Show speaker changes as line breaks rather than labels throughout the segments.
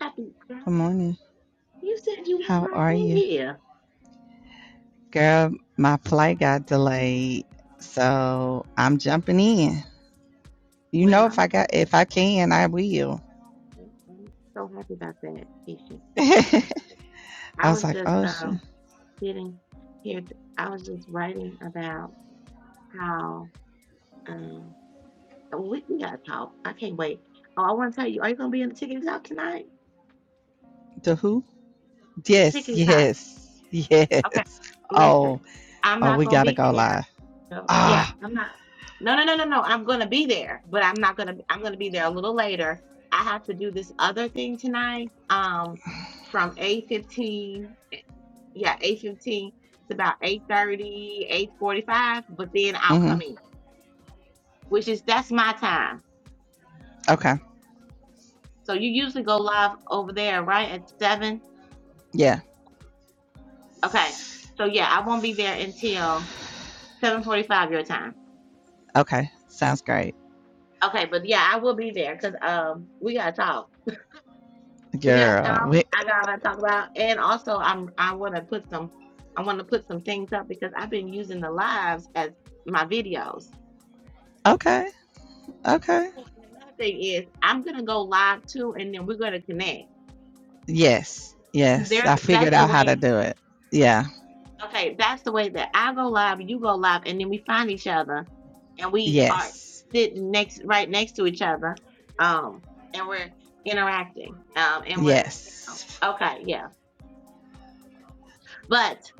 Happy
Good
Friday.
morning.
You said you weren't
How
right
are
in
you?
here.
Girl, my flight got delayed. So I'm jumping in. You
Well,
know if
I'm,
I got if I can, I will.
I'm so happy about that, Keisha.
I
I
was
was
like,
just
oh shit.
um, sitting here. T- I was just writing about how um, we, we got to talk. I can't wait. Oh, I want to tell you, are you going to be in the tickety talk tonight?
To who?
The
Yes,
tickety talk.
yes,
Okay.
yes. Oh,
Listen, I'm
oh,
not
we
going to
gotta
be
go
there.
live.
So yeah,
Ah,
I'm not. No, no, no, no, no. I'm gonna be there, but I'm not gonna. I'm gonna be there a little later. I have to do this other thing tonight. Um, from eight fifteen. Yeah, eight fifteen to about eight thirty, eight forty five. but then I'll
mm-hmm.
come in, which is that's my time.
Okay.
So you usually go live over there, right? At seven.
Yeah.
Okay. So yeah, I won't be there until seven forty-five your time.
Okay. Sounds great.
Okay, but yeah, I will be there because um we gotta talk. We got stuff
Girl. We
I gotta talk about, and also I'm I want to put some I want to put some things up because I've been using the lives as my videos.
okay. Okay.
Oh, And another thing is I'm gonna go live too, and then we're gonna connect
Yes.
because
Yes. I
there's that's
figured
the
out how to
way.
do it. Yeah.
Okay, that's the way that I go live, you go live, and then we find each other, and we are
Yes.
sitting next right next to each other, um, and we're interacting, um, and we're
Yes.
okay, yeah. But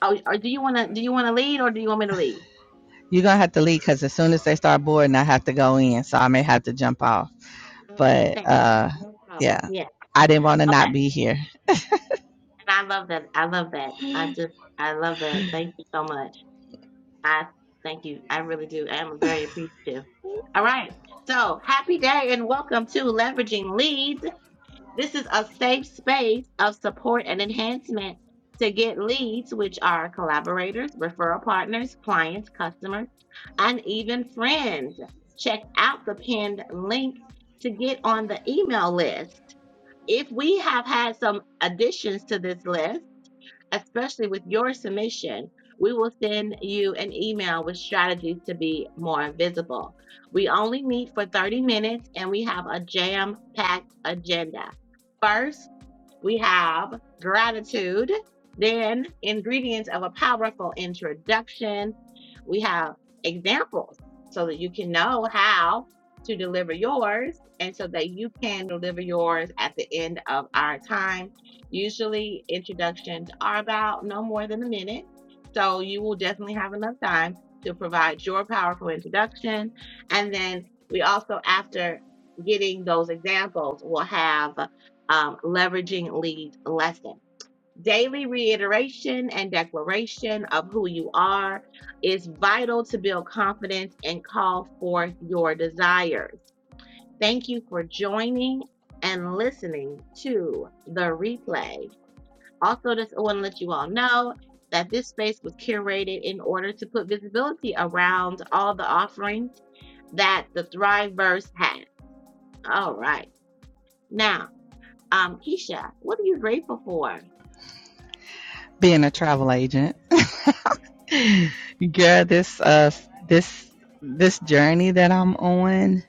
oh, or do you wanna do you wanna lead or do you want me to lead?
You're gonna have to leave because as soon as they start boarding, I have to go in, so I may have to jump off.
I
But
understand.
uh,
No problem.
yeah,
Yeah.
I didn't want to not
Okay.
be here,
And I love that. I love that. I just, I love that. Thank you so much. I thank you. I really do. I am very appreciative. All right. So happy day and welcome to Leveraging Leads. This is a safe space of support and enhancement to get leads, which are collaborators, referral partners, clients, customers, and even friends. Check out the pinned link to get on the email list. If we have had some additions to this list, especially with your submission, we will send you an email with strategies to be more visible. We only meet for 30 minutes and we have a jam packed agenda. First, we have gratitude, then ingredients of a powerful introduction. We have examples so that you can know how to deliver yours and so that you can deliver yours at the end of our time. Usually, introductions are about no more than a minute, so you will definitely have enough time to provide your powerful introduction. And then we also, after getting those examples, will have um, leveraging lead lesson. Daily reiteration and declaration of who you are is vital to build confidence and call forth your desires. Thank you for joining and listening to the replay. Also, just want to let you all know that this space was curated in order to put visibility around all the offerings that the Thriveverse has. All right. Now, um, Keisha, what are you grateful for?
being a travel agent. Girl, this uh, this this journey that I'm on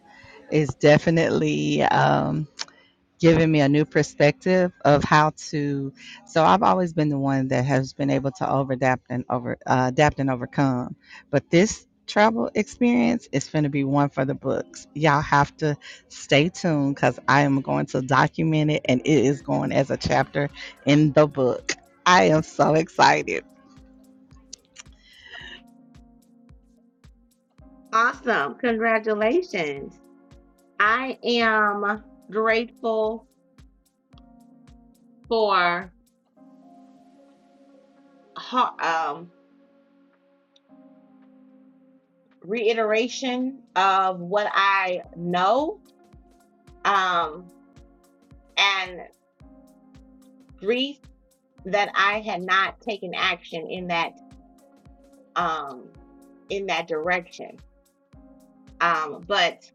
is definitely um, given me a new perspective of how to so i've always been the one that has been able to over adapt and over uh, adapt and overcome but this travel experience is going to be one for the books y'all have to stay tuned because i am going to document it and it is going as a chapter in the book i am so excited
Awesome. Congratulations. I am grateful for har- um, reiteration of what I know um, and grief that I had not taken action in that um, in that direction. Um, but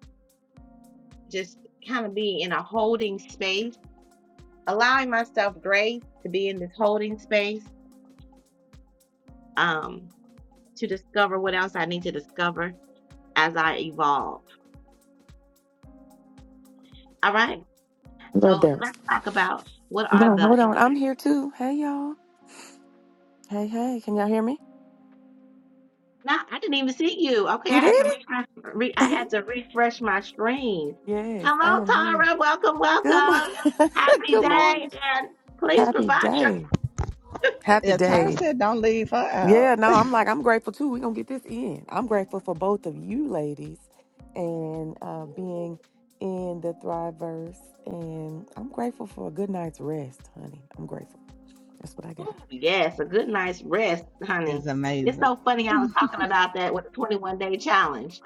just kind of be in a holding space, allowing myself grace to be in this holding space um, to discover what else I need to discover as I evolve. All right.
Right
So let's talk about what are
Bro,
the.
hold on. I'm here too. Hey, y'all. Hey, hey. Can y'all hear me?
Now I didn't even see you. Okay, I
You did
had to refresh. Re, I
it?
had to refresh my screen.
yes, I
Hello,
am here.
Tara. Welcome,
Good
welcome.
morning.
Happy
Good
day,
morning.
and please
Happy
provide your.
day. Happy
yeah Tyra
day.
said don't leave her
Yeah,
out
no, I'm like, I'm grateful too. We're going to get this in. I'm grateful for both of you ladies and uh, being in the Thriveverse. And I'm grateful for a good night's rest, honey. I'm grateful. That's what I
Ooh,
got.
yes, a good night's rest, honey.
it's
It's
amazing
so funny. I was talking about that with the 21 day challenge.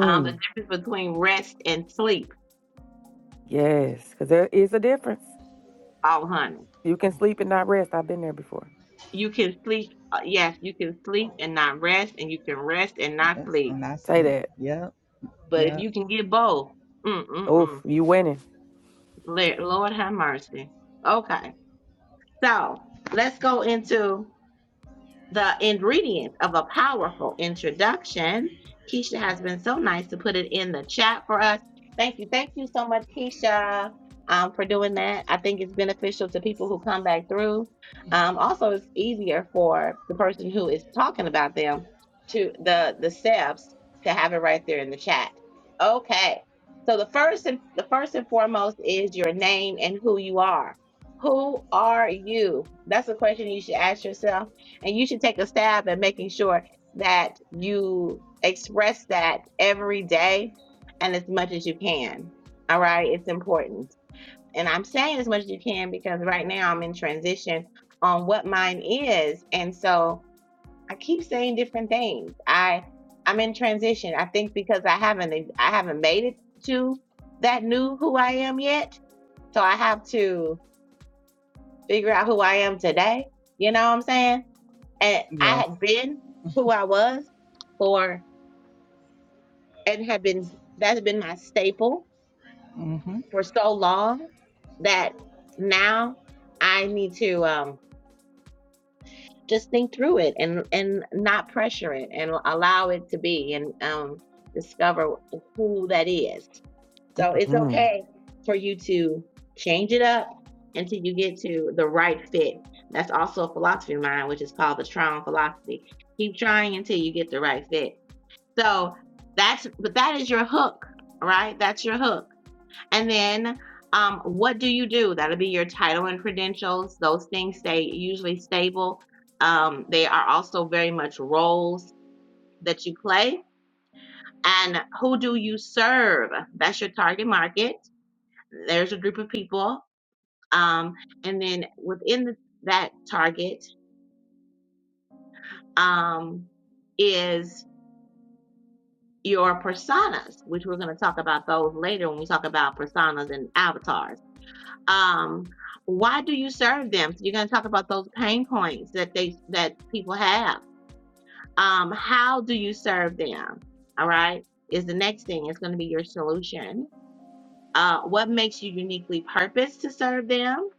Um, the difference between rest and sleep.
yes, because there is a difference.
Oh, honey,
You can sleep and not rest. I've been there before.
you can sleep. uh, Yes, you can sleep and not rest, and you can rest and not
yes
sleep
and i
Say
sleep
that.
yep
But if
yep
you can get both, mm mm
Oof,
mm.
you winning.
Lord have mercy. Okay, so let's go into the ingredients of a powerful introduction. Keisha has been so nice to put it in the chat for us. Thank you. Thank you so much, Keisha, um, for doing that. I think it's beneficial to people who come back through. Um, also, it's easier for the person who is talking about them to the the steps to have it right there in the chat. Okay. So the first and the first and foremost is your name and who you are. Who are you? That's a question you should ask yourself and you should take a stab at making sure that you express that every day and as much as you can. All right. It's important. And I'm saying as much as you can because right now I'm in transition on what mine is. And so I keep saying different things. I I'm in transition. I think because I haven't I haven't made it to that new who I am yet. So I have to figure out who I am today. You know what I'm saying? And I
yes
had been who I was for, and had been, that's been my staple
hmm
for so long that now I need to um, just think through it and, and not pressure it and allow it to be and um, discover who that is. So it's
hmm
okay for you to change it up until you get to the right fit. That's also a philosophy of mine, which is called the trial philosophy. Keep trying until you get the right fit So that's but that is your hook, right? That's your hook. And then um, what do you do? That'll be your title and credentials. Those things stay usually stable. Um, they are also very much roles that you play. And who do you serve? That's your target market. There's a group of people. Um, and then within the, that target um, is your personas, which we're going to talk about those later when we talk about personas and avatars. Um, why do you serve them? So you're going to talk about those pain points that they that people have. Um, how do you serve them? All right, is the next thing. It's going to be your solution uh, what makes you uniquely purposed to serve them.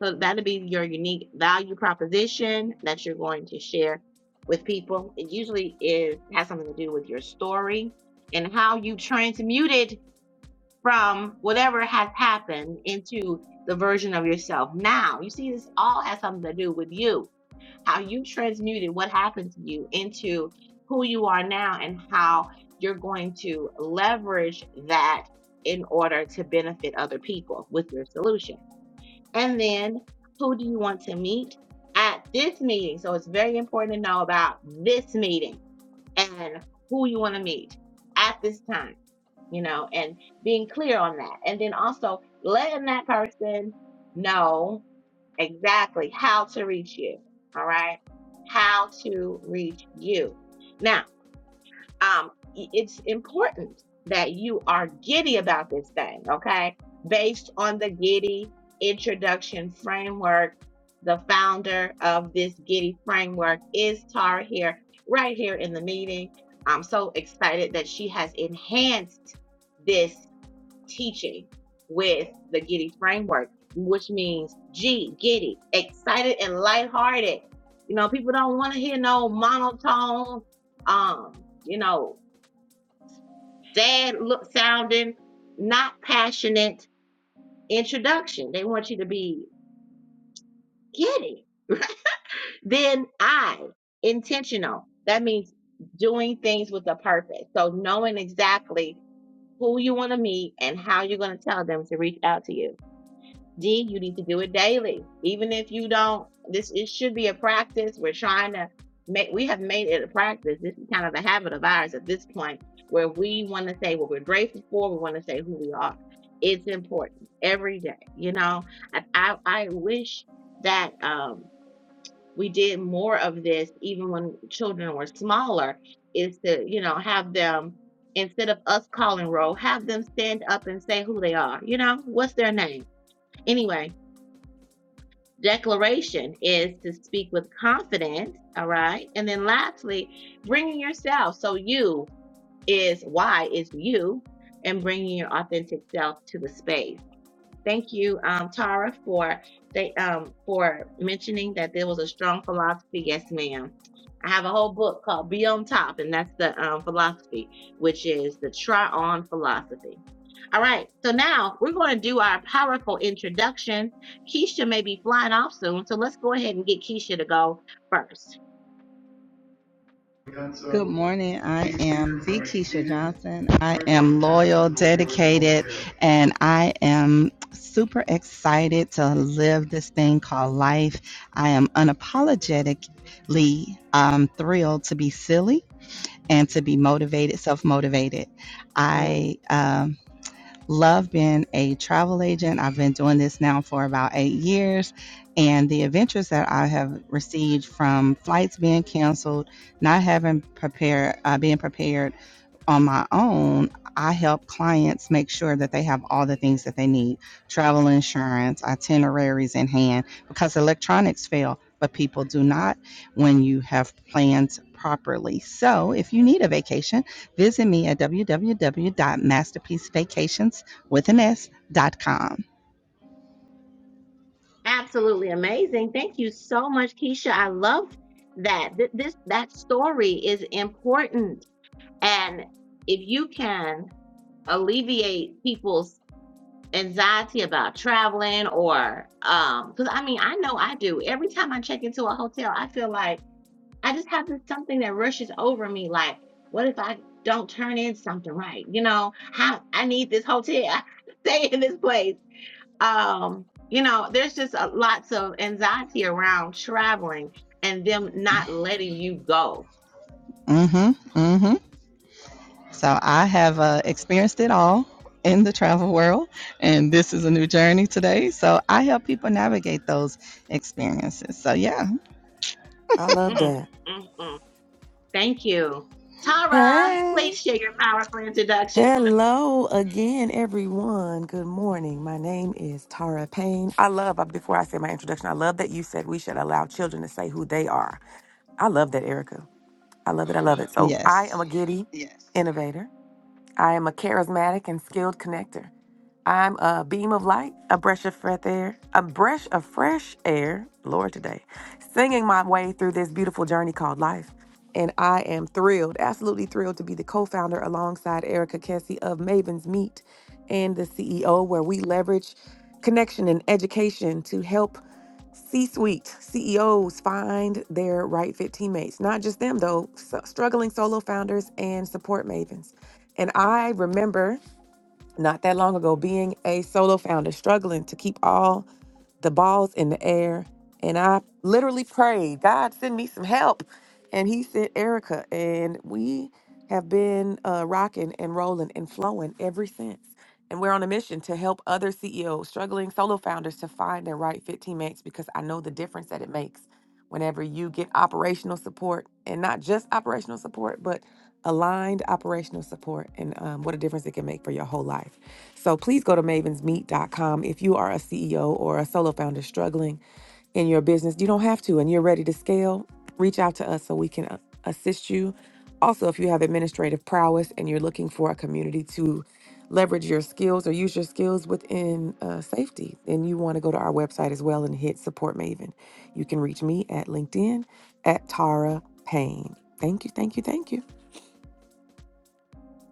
So that'll be your unique value proposition that you're going to share with people. It usually is has something to do with your story and how you transmuted from whatever has happened into the version of yourself now. You see, this all has something to do with you how you transmuted what happened to you into who you are now and how you're going to leverage that in order to benefit other people with your solution. And then who do you want to meet at this meeting? So it's very important to know about this meeting and who you want to meet at this time, you know, and being clear on that. And then also letting that person know exactly how to reach you. All right. How to reach you. Now, um, it's important that you are giddy about this thing. Okay. Based on the giddy introduction framework, the founder of this giddy framework is Tara here, right here in the meeting. I'm so excited that she has enhanced this teaching with the Giddy framework, which means G, giddy, excited and lighthearted. You know, people don't want to hear no monotone, um, you know, sad look sounding, not passionate introduction. They want you to be giddy. Then I, intentional. That means doing things with a purpose. So knowing exactly who you want to meet and how you're going to tell them to reach out to you D, you need to do it daily. Even if you don't, this it should be a practice. We're trying to make we have made it a practice. This is kind of a habit of ours at this point where we want to say what we're grateful for, we want to say who we are. It's important every day, you know. I I, I wish that um we did more of this even when children were smaller, is to, you know, have them instead of us calling roll, have them stand up and say who they are, you know, what's their name? Anyway, declaration is to speak with confidence all right and then lastly bringing yourself so you is why is you and bringing your authentic self to the space Thank you, um, Tara, for they, um, for mentioning that there was a strong philosophy. Yes, ma'am. I have a whole book called Be on Top, and that's the um, philosophy, which is the try on philosophy. All right, so now we're going to do our powerful introduction. Keisha may be flying off soon, so let's go ahead and get Keisha to go first.
Good morning. I am V. Keisha Johnson. I am loyal, dedicated, and I am super excited to live this thing called life. I am unapologetically um, thrilled to be silly and to be motivated, self motivated.
Mm,
I um, love being a travel agent. I've been doing this now for about eight years. And the adventures that I have received from flights being canceled, not having prepared, uh, being prepared on my own, I help clients make sure that they have all the things that they need travel insurance, itineraries in hand, because electronics fail, but people do not when you have plans properly. So if you need a vacation, visit me at www.masterpiecevacations.com.
absolutely amazing. Thank you so much, Keisha. I love that. Th- this that story is important And if you can alleviate people's anxiety about traveling or um because I mean I know I do. Every time I check into a hotel, I feel like I just have this something that rushes over me like, what if I don't turn in something right? You know, how I need this hotel, stay in this place. Um, you know, there's just a, lots of anxiety around traveling and them not letting you go.
Mm-hmm. Mm-hmm. So I have uh, experienced it all in the travel world, and this is a new journey today. So I help people navigate those experiences. So yeah,
I love
Mm,
that.
mm, mm. Thank you. Tara,
Hey.
please share your powerful introduction.
Hello again, everyone. Good morning. My name is Tara Payne. I love, uh, before I say my introduction, I love that you said we should allow children to say who they are. I love that, Erica. I love it. I
Yeah.
love it. So I am
yes.
a giddy yes. innovator. I am a charismatic and skilled connector. I'm a beam of light, a breath of fresh air, a breath of fresh air, Lord, today, singing my way through this beautiful journey called life. And I am thrilled, absolutely thrilled to be the co founder alongside Erica Kessie of Maven's Meet and the CEO, where we leverage connection and education to help C-suite C suite CEOs find their right fit teammates. Not just them, though, so- struggling solo founders and support mavens. And I remember not that long ago being a solo founder, struggling to keep all the balls in the air. And I literally prayed, God, send me some help. And He sent Erica. And we have been uh, rocking and rolling and flowing ever since. And we're on a mission to help other CEOs, struggling solo founders, to find their right fit teammates because I know the difference that it makes whenever you get operational support and not just operational support, but aligned operational support and um, what a difference it can make for your whole life. So please go to mavens meet dot com if you are a CEO or a solo founder struggling in your business. You don't have to, and you're ready to scale. Reach out to us so we can uh, assist you. Also, if you have administrative prowess and you're looking for a community to leverage your skills or use your skills within uh, safety, then you want to go to our website as well and hit support Maven. You can reach me at LinkedIn at Tara Payne. Thank you, thank you, thank you.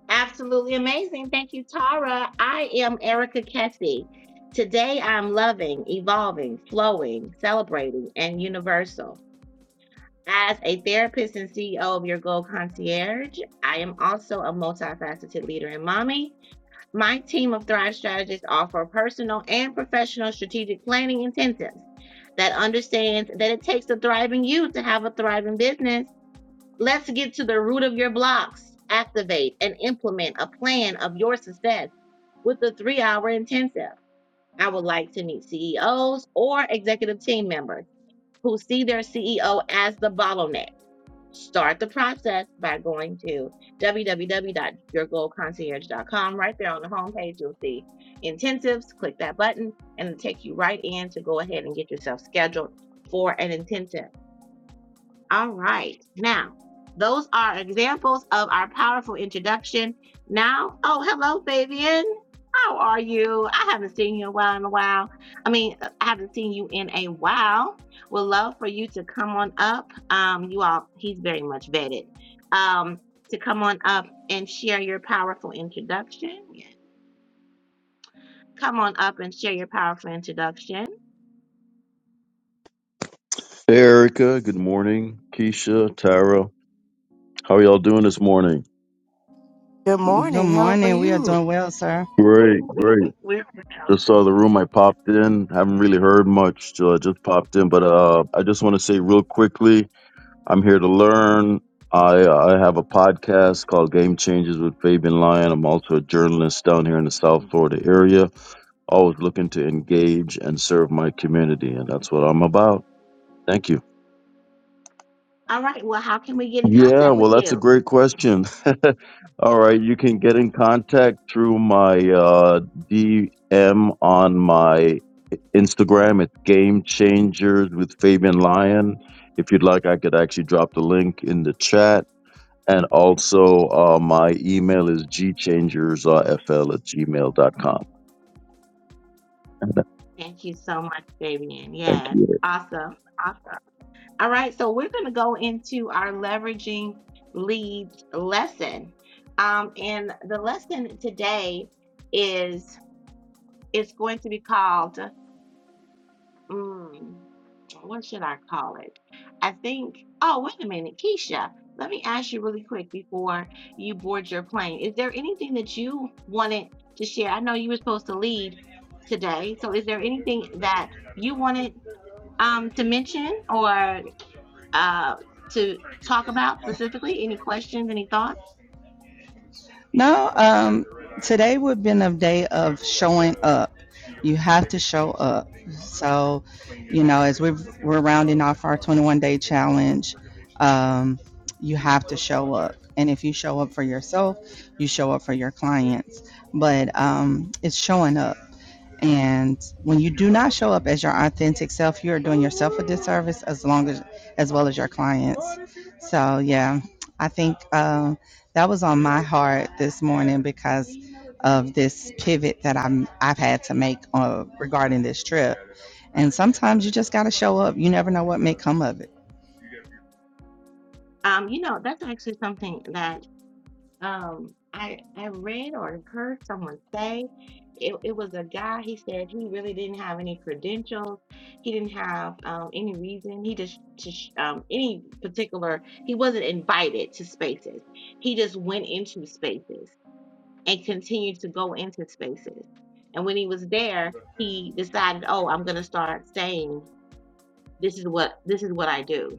Absolutely amazing. Thank you, Tara. I am Erica Kessie. Today I'm loving, evolving, flowing, celebrating, and universal. As a therapist and CEO of Your Goal Concierge, I am also a multifaceted leader and mommy. My team of Thrive Strategists offer personal and professional strategic planning intensives that understands that it takes a thriving you to have a thriving business Let's get to the root of your blocks. Activate and implement a plan of your success with the three hour intensive. I would like to meet CEOs or executive team members who see their CEO as the bottleneck. Start the process by going to www.yourgoalconcierge.com. Right there on the homepage, you'll see intensives. Click that button and it'll take you right in to go ahead and get yourself scheduled for an intensive. All right. Now, those are examples of our powerful introduction. Now, oh, hello, Fabian. How are you? I haven't seen you in a while. In a while, I mean, I haven't seen you in a while. Would love for you to come on up. Um, you all, he's very much vetted. Um, to come on up and share your powerful introduction. Come on up and share your powerful introduction.
Hey, Erica, good morning. Keisha, Tara, how are y'all doing this morning?
Good
Good
morning. How are
morning. We are
you?
doing well, sir.
Great, great.
We're out.
Just saw the room. I popped in. Haven't really heard much. So I just popped in, but uh, I just want to say real quickly, I'm here to learn. I I have a podcast called Game Changers with Fabian Lyon. I'm also a journalist down here in the South Florida area. Always looking to engage and serve my community, and that's what I'm about. Thank you.
All right. Well, how can we get in
Yeah,
contact
well,
with
that's a
you?
great question. All right, you can get in contact through my uh, DM on my Instagram. It's Game Changers with Fabian Lyon. If you'd like, I could actually drop the link in the chat. And also, uh, my email is gchangersfl at gmail dot com.
Thank you so much, Fabian.
Thank
Yes.
you.
Awesome. Awesome. All right. So we're going to go into our leveraging leads lesson. Um, and the lesson today is it's going to be called mm, what should I call it? I think, oh, wait a minute, Keisha, let me ask you really quick before you board your plane. Is there anything that you wanted to share? I know you were supposed to lead today, so is there anything that you wanted um, to mention or uh, to talk about specifically? Any questions, any thoughts?
No, um, today would have been a day of showing up. You have to show up So, you know, as we've, we're rounding off our 21 day challenge, um, you have to show up. And if you show up for yourself, you show up for your clients. But um, it's showing up and when you do not show up as your authentic self, you are doing yourself a disservice as long as as well as your clients. So yeah, I think um, that was on my heart this morning because of this pivot that I'm I've had to make uh, regarding this trip. And sometimes you just got to show up. You never know what may come of it.
Um, you know, that's actually something that Um, I I read or heard someone say it, it was a guy. He said he really didn't have any credentials. He didn't have um, any reason. He just, just um, any particular. He wasn't invited to spaces. He just went into spaces and continued to go into spaces. And when he was there, he decided, oh, I'm gonna start saying this is what this is what I do.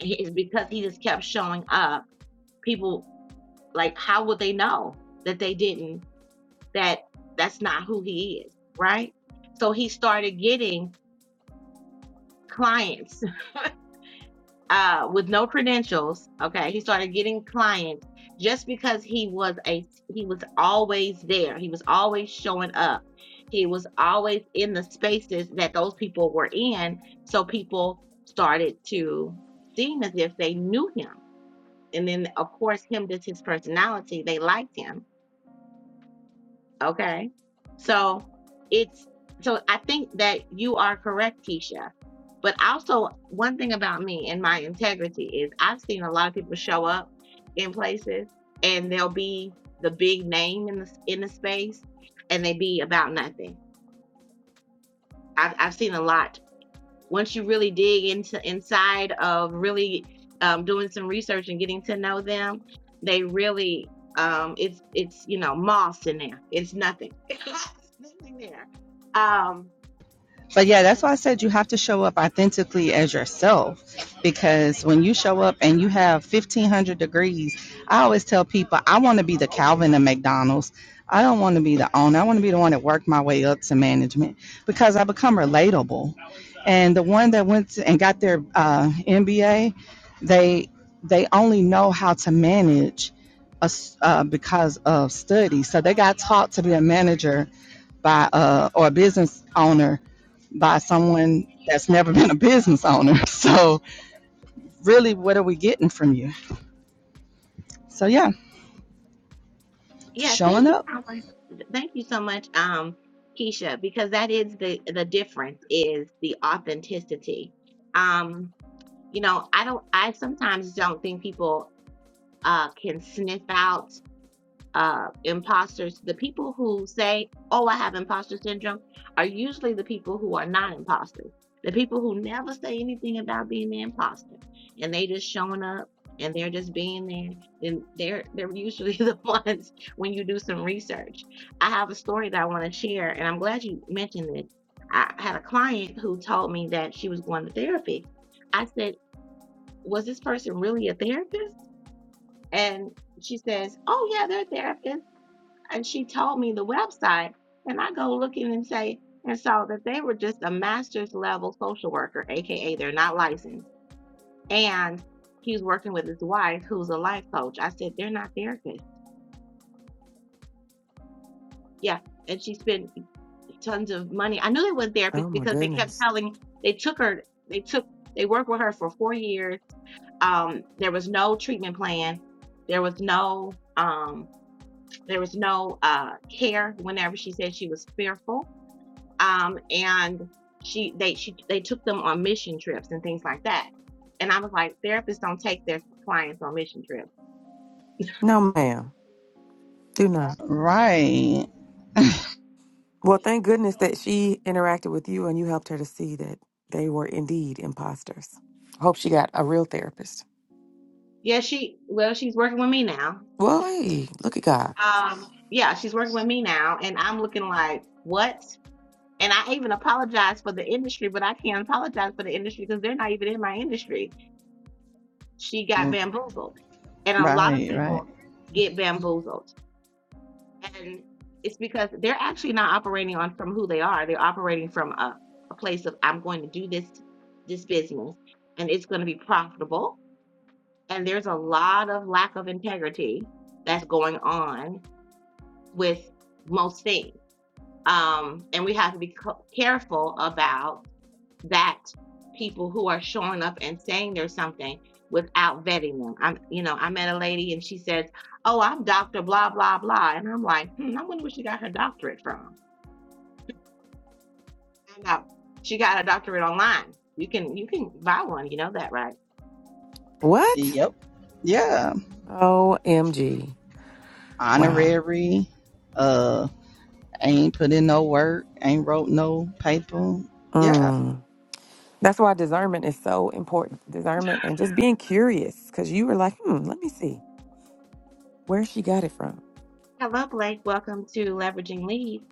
It's because he just kept showing up. People like, how would they know that they didn't, that that's not who he is, right? So he started getting clients uh, with no credentials. Okay. He started getting clients just because he was a, he was always there. He was always showing up. He was always in the spaces that those people were in. So people started to seem as if they knew him. And then, of course, him, that's his personality. They liked him Okay. So it's so I think that you are correct, Keisha. But also one thing about me and my integrity is I've seen a lot of people show up in places and they'll be the big name in the in the space and they be about nothing. I've I've seen a lot once you really dig into inside of really um, doing some research and getting to know them, they really um, it's it's you know moss in there. It's nothing. It's nothing there. Um,
But yeah, that's
so,
why I said you have to show up authentically as yourself because when you show up and you have 1500 degrees, I always tell people I want to be the Calvin of McDonald's. I don't want to be the owner. I want to be the one that worked my way up to management because I become relatable. And the one that went to, and got their uh, MBA, they they only know how to manage us, uh, because of study. So they got taught to be a manager by uh or a business owner by someone that's never been a business owner. So really what are we getting from you? So yeah,
yeah,
showing
thank you
up.
so Thank you so much, um, Keisha, because that is the the difference is the authenticity. Um, you know, I don't. I sometimes don't think people uh, can sniff out uh, imposters, the people who say, Oh, I have imposter syndrome, are usually the people who are not imposters. The people who never say anything about being the imposter and they just showing up and they're just being there, then they're they're usually the ones when you do some research. I have a story that I want to share, and I'm glad you mentioned this. I had a client who told me that she was going to therapy. I said, Was this person really a therapist? And she says, Oh yeah, they're a therapist." and she told me the website and i go looking and say and saw that they were just a master's level social worker aka they're not licensed and he's working with his wife who's a life coach i said they're not therapists yeah and she spent tons of money i knew they weren't
Oh
therapists
my
because they kept
goodness.
telling they took her they took they worked with her for four years um, there was no treatment plan there was no um, there was no uh, care whenever she said she was fearful um, and she they she they took them on mission trips and things like that. And I was like, therapists don't take their clients on mission trips.
No, ma'am. Do not.
Right.
Well, thank goodness that she interacted with you and you helped her to see that they were indeed imposters. hope she got a real therapist.
Yeah, she well, she's working with me now.
Well, hey, look at God.
Um, yeah, she's working with me now, and I'm looking like what? And I even apologized for the industry, but I can't apologize for the industry because they're not even in my industry. She got bamboozled, and a lot of
Right, right.
people get bamboozled. And it's because they're actually not operating on from who they are. They're operating from a, a place of I'm going to do this this business and it's going to be profitable. And there's a lot of lack of integrity that's going on with most things. Um, and we have to be c- careful about that people who are showing up and saying there's something without vetting them. I'm, you know, I met a lady and she says, "Oh, I'm Doctor Blah Blah Blah," and I'm like, hmm, I wonder where she got her doctorate from. Found out she got a doctorate online. You can you can buy one. You know that, right?
What?
Yep. Yeah.
OMG. Wow.
Honorary. Uh ain't put in no work, ain't wrote no paper. Yeah.
Mm. That's why discernment is so important. Discernment and just being curious because you were like, hmm, let me see where she got it from.
Hello, Blake. Welcome to Leveraging Leads.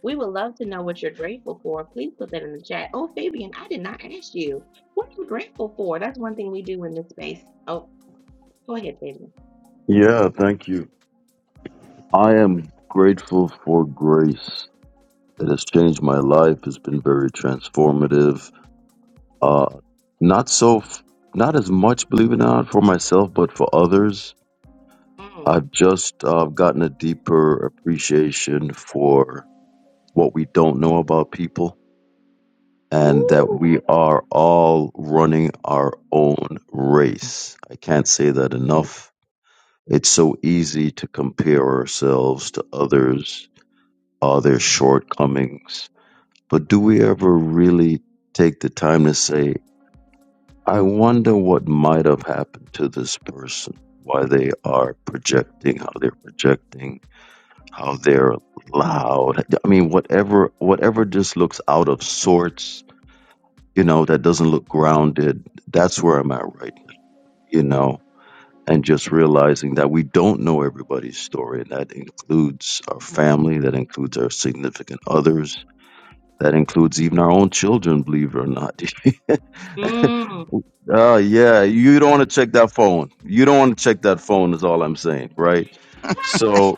We would love to know what you're grateful for. Please put that in the chat. Oh, Fabian, I did not ask you. What are you grateful for? That's one thing we do in this space. Oh, go ahead, Fabian.
Yeah, thank you. I am grateful for grace. It has changed my life, it's been very transformative Uh, not so, f- not as much, believe it or not, for myself, but for others.
Mm.
I've just uh, gotten a deeper appreciation for what we don't know about people and that
Woo.
we are all running our own race. I can't say that enough. It's so easy to compare ourselves to others, uh, their shortcomings. But do we ever really take the time to say, I wonder what might have happened to this person, why they are projecting, how they're projecting, how they're loud. I mean, whatever, whatever just looks out of sorts, you know, that doesn't look grounded. That's where I'm at right now, you know, and just realizing that we don't know everybody's story. And that includes our family, that includes our significant others, that includes even our own children, believe it or not,
Mm.
Oh yeah, you don't want to check that phone. You don't want to check that phone is all I'm saying, right? So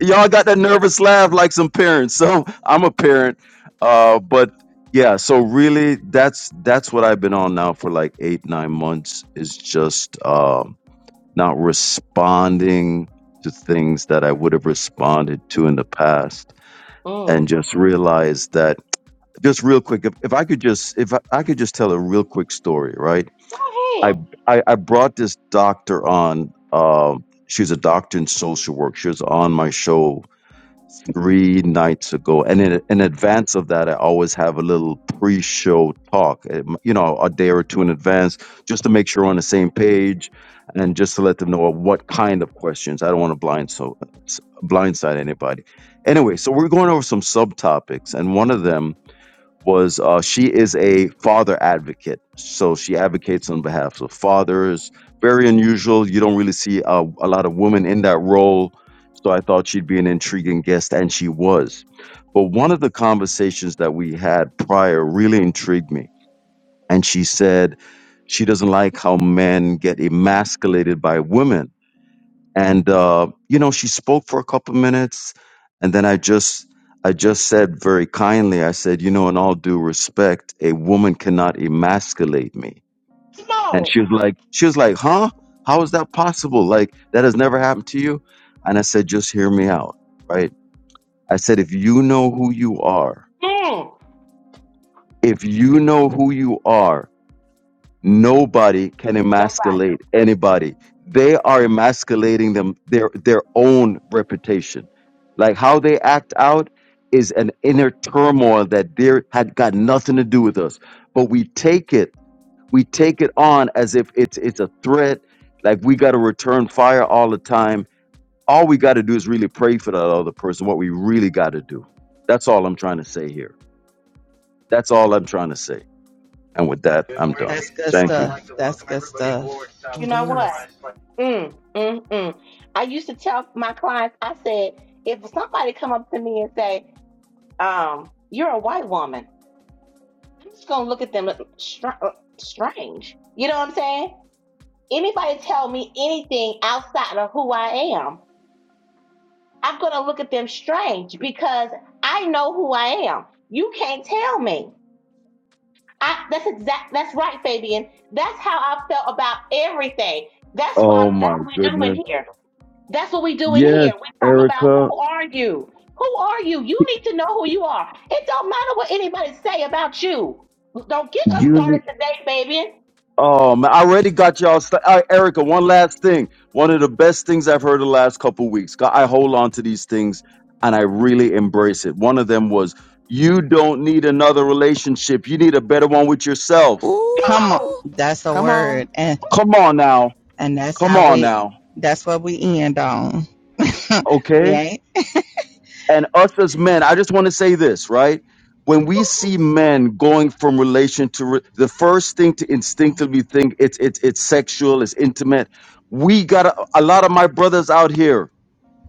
y'all got that nervous laugh like some parents. So I'm a parent, uh, but yeah. So really, that's that's what I've been on now for like eight nine months is just um, not responding to things that I would have responded to in the past, and
Mm. Go
just realize that. Just real quick, if, if I could just if I, I could just tell a real quick story, right? I
ahead.
I, I brought this doctor on. Um, she's a doctor in social work. She was on my show three nights ago, and in in advance of that, I always have a little pre-show talk. um, You know, a day or two in advance, just to make sure we're on the same page, and just to let them know what kind of questions. I don't want to blind so s- blindside anybody. Anyway, so we're going over some subtopics, and one of them was uh, she is a father advocate. So she advocates on behalf of fathers. Very unusual. You don't really see uh, a lot of women in that role. So I thought she'd be an intriguing guest, and she was. But one of the conversations that we had prior really intrigued me. And she said she doesn't like how men get emasculated by women and uh, you know she spoke for a couple minutes and then i just i just said very kindly i said you know in all due respect a woman cannot emasculate me and she
Smoke.
was like she was like huh how is that possible like that has never happened to you and i said just hear me out right i said if you know who you are
Mm.
if you know who you are Nobody can
Nobody.
emasculate anybody. They are emasculating them their their own reputation. Like how they act out is an inner turmoil that they had got nothing to do with us. But we take it, we take it on as if it's it's a threat, like we gotta return fire all the time. All we gotta do is really pray for that other person, what we really gotta do. That's all I'm trying to say here. That's all I'm trying to say. And with that,
Good
I'm
morning,
done.
That's good
Thank you.
stuff. Like That's good stuff.
You
It
know
is.
what? Mm, mm, mm. I used to tell my clients, I said, if somebody come up to me and say, um, you're a white woman, I'm just gonna look at them str- uh, strange. You know what I'm saying? Anybody tell me anything outside of who I am, I'm gonna look at them strange because I know who I am. You can't tell me. I, that's exact. That's right, Fabian. That's how I felt about everything. That's
Oh
why.
my
That's what we do in
goodness.
here. That's what we do in
Yes,
here. We talk about
Erica.
who are you? Who are you? You need to know who you are. It don't matter what anybody say about you. Don't get us
You
started
need.
today, Fabian.
Oh man, I already got y'all. St- all right, Erica, one last thing. One of the best things I've heard the last couple weeks. God, I hold on to these things and I really embrace it. One of them was, "You don't need another relationship. You need a better one with yourself."
Come
Ooh.
Come on.
on.
That's a
Come on.
word. and.
Come on now.
and that's
Come
how
on
we
now.
that's what we end on we
Okay.
ain't
And us as men, I just want to say this, right? When we see men going from relation to re- the first thing to instinctively think it's it's it's sexual, it's intimate. We got a, a lot of my brothers out here.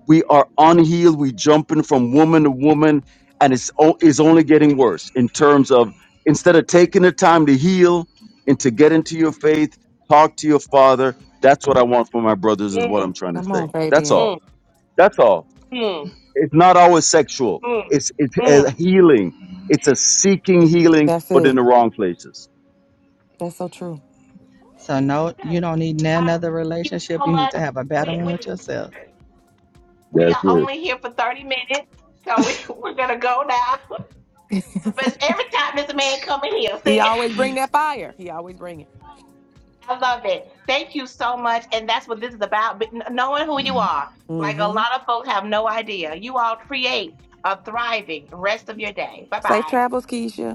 We are unhealed. We jumping from woman to woman, and it's o- it's only getting worse in terms of instead of taking the time to heal and to get into your faith, talk to your father. That's what I want for my brothers. Is what
Mm,
I'm trying to
Come on,
say. That's
Fabian.
all.
mm,
That's all
mm,
it's not always sexual.
mm,
It's it's a
mm.
healing. It's a seeking healing,
That's
but in
it.
the wrong places.
That's so true.
so no you
Okay.
don't need none
Uh,
other
thank you
relationship
so
you need
much.
to have a better
We,
one
we,
with yourself
we
That's
are
it.
only here for 30 minutes, so we, we're going to go now. But every time this man come in here,
He
see,
always bring that fire. He always bring it.
I love it. Thank you so much, and that's what this is about. But knowing who you are,
mm
like a
hmm
lot of folks have no idea. You all create a thriving rest of your day. Bye
Safe
bye.
travels, Keisha.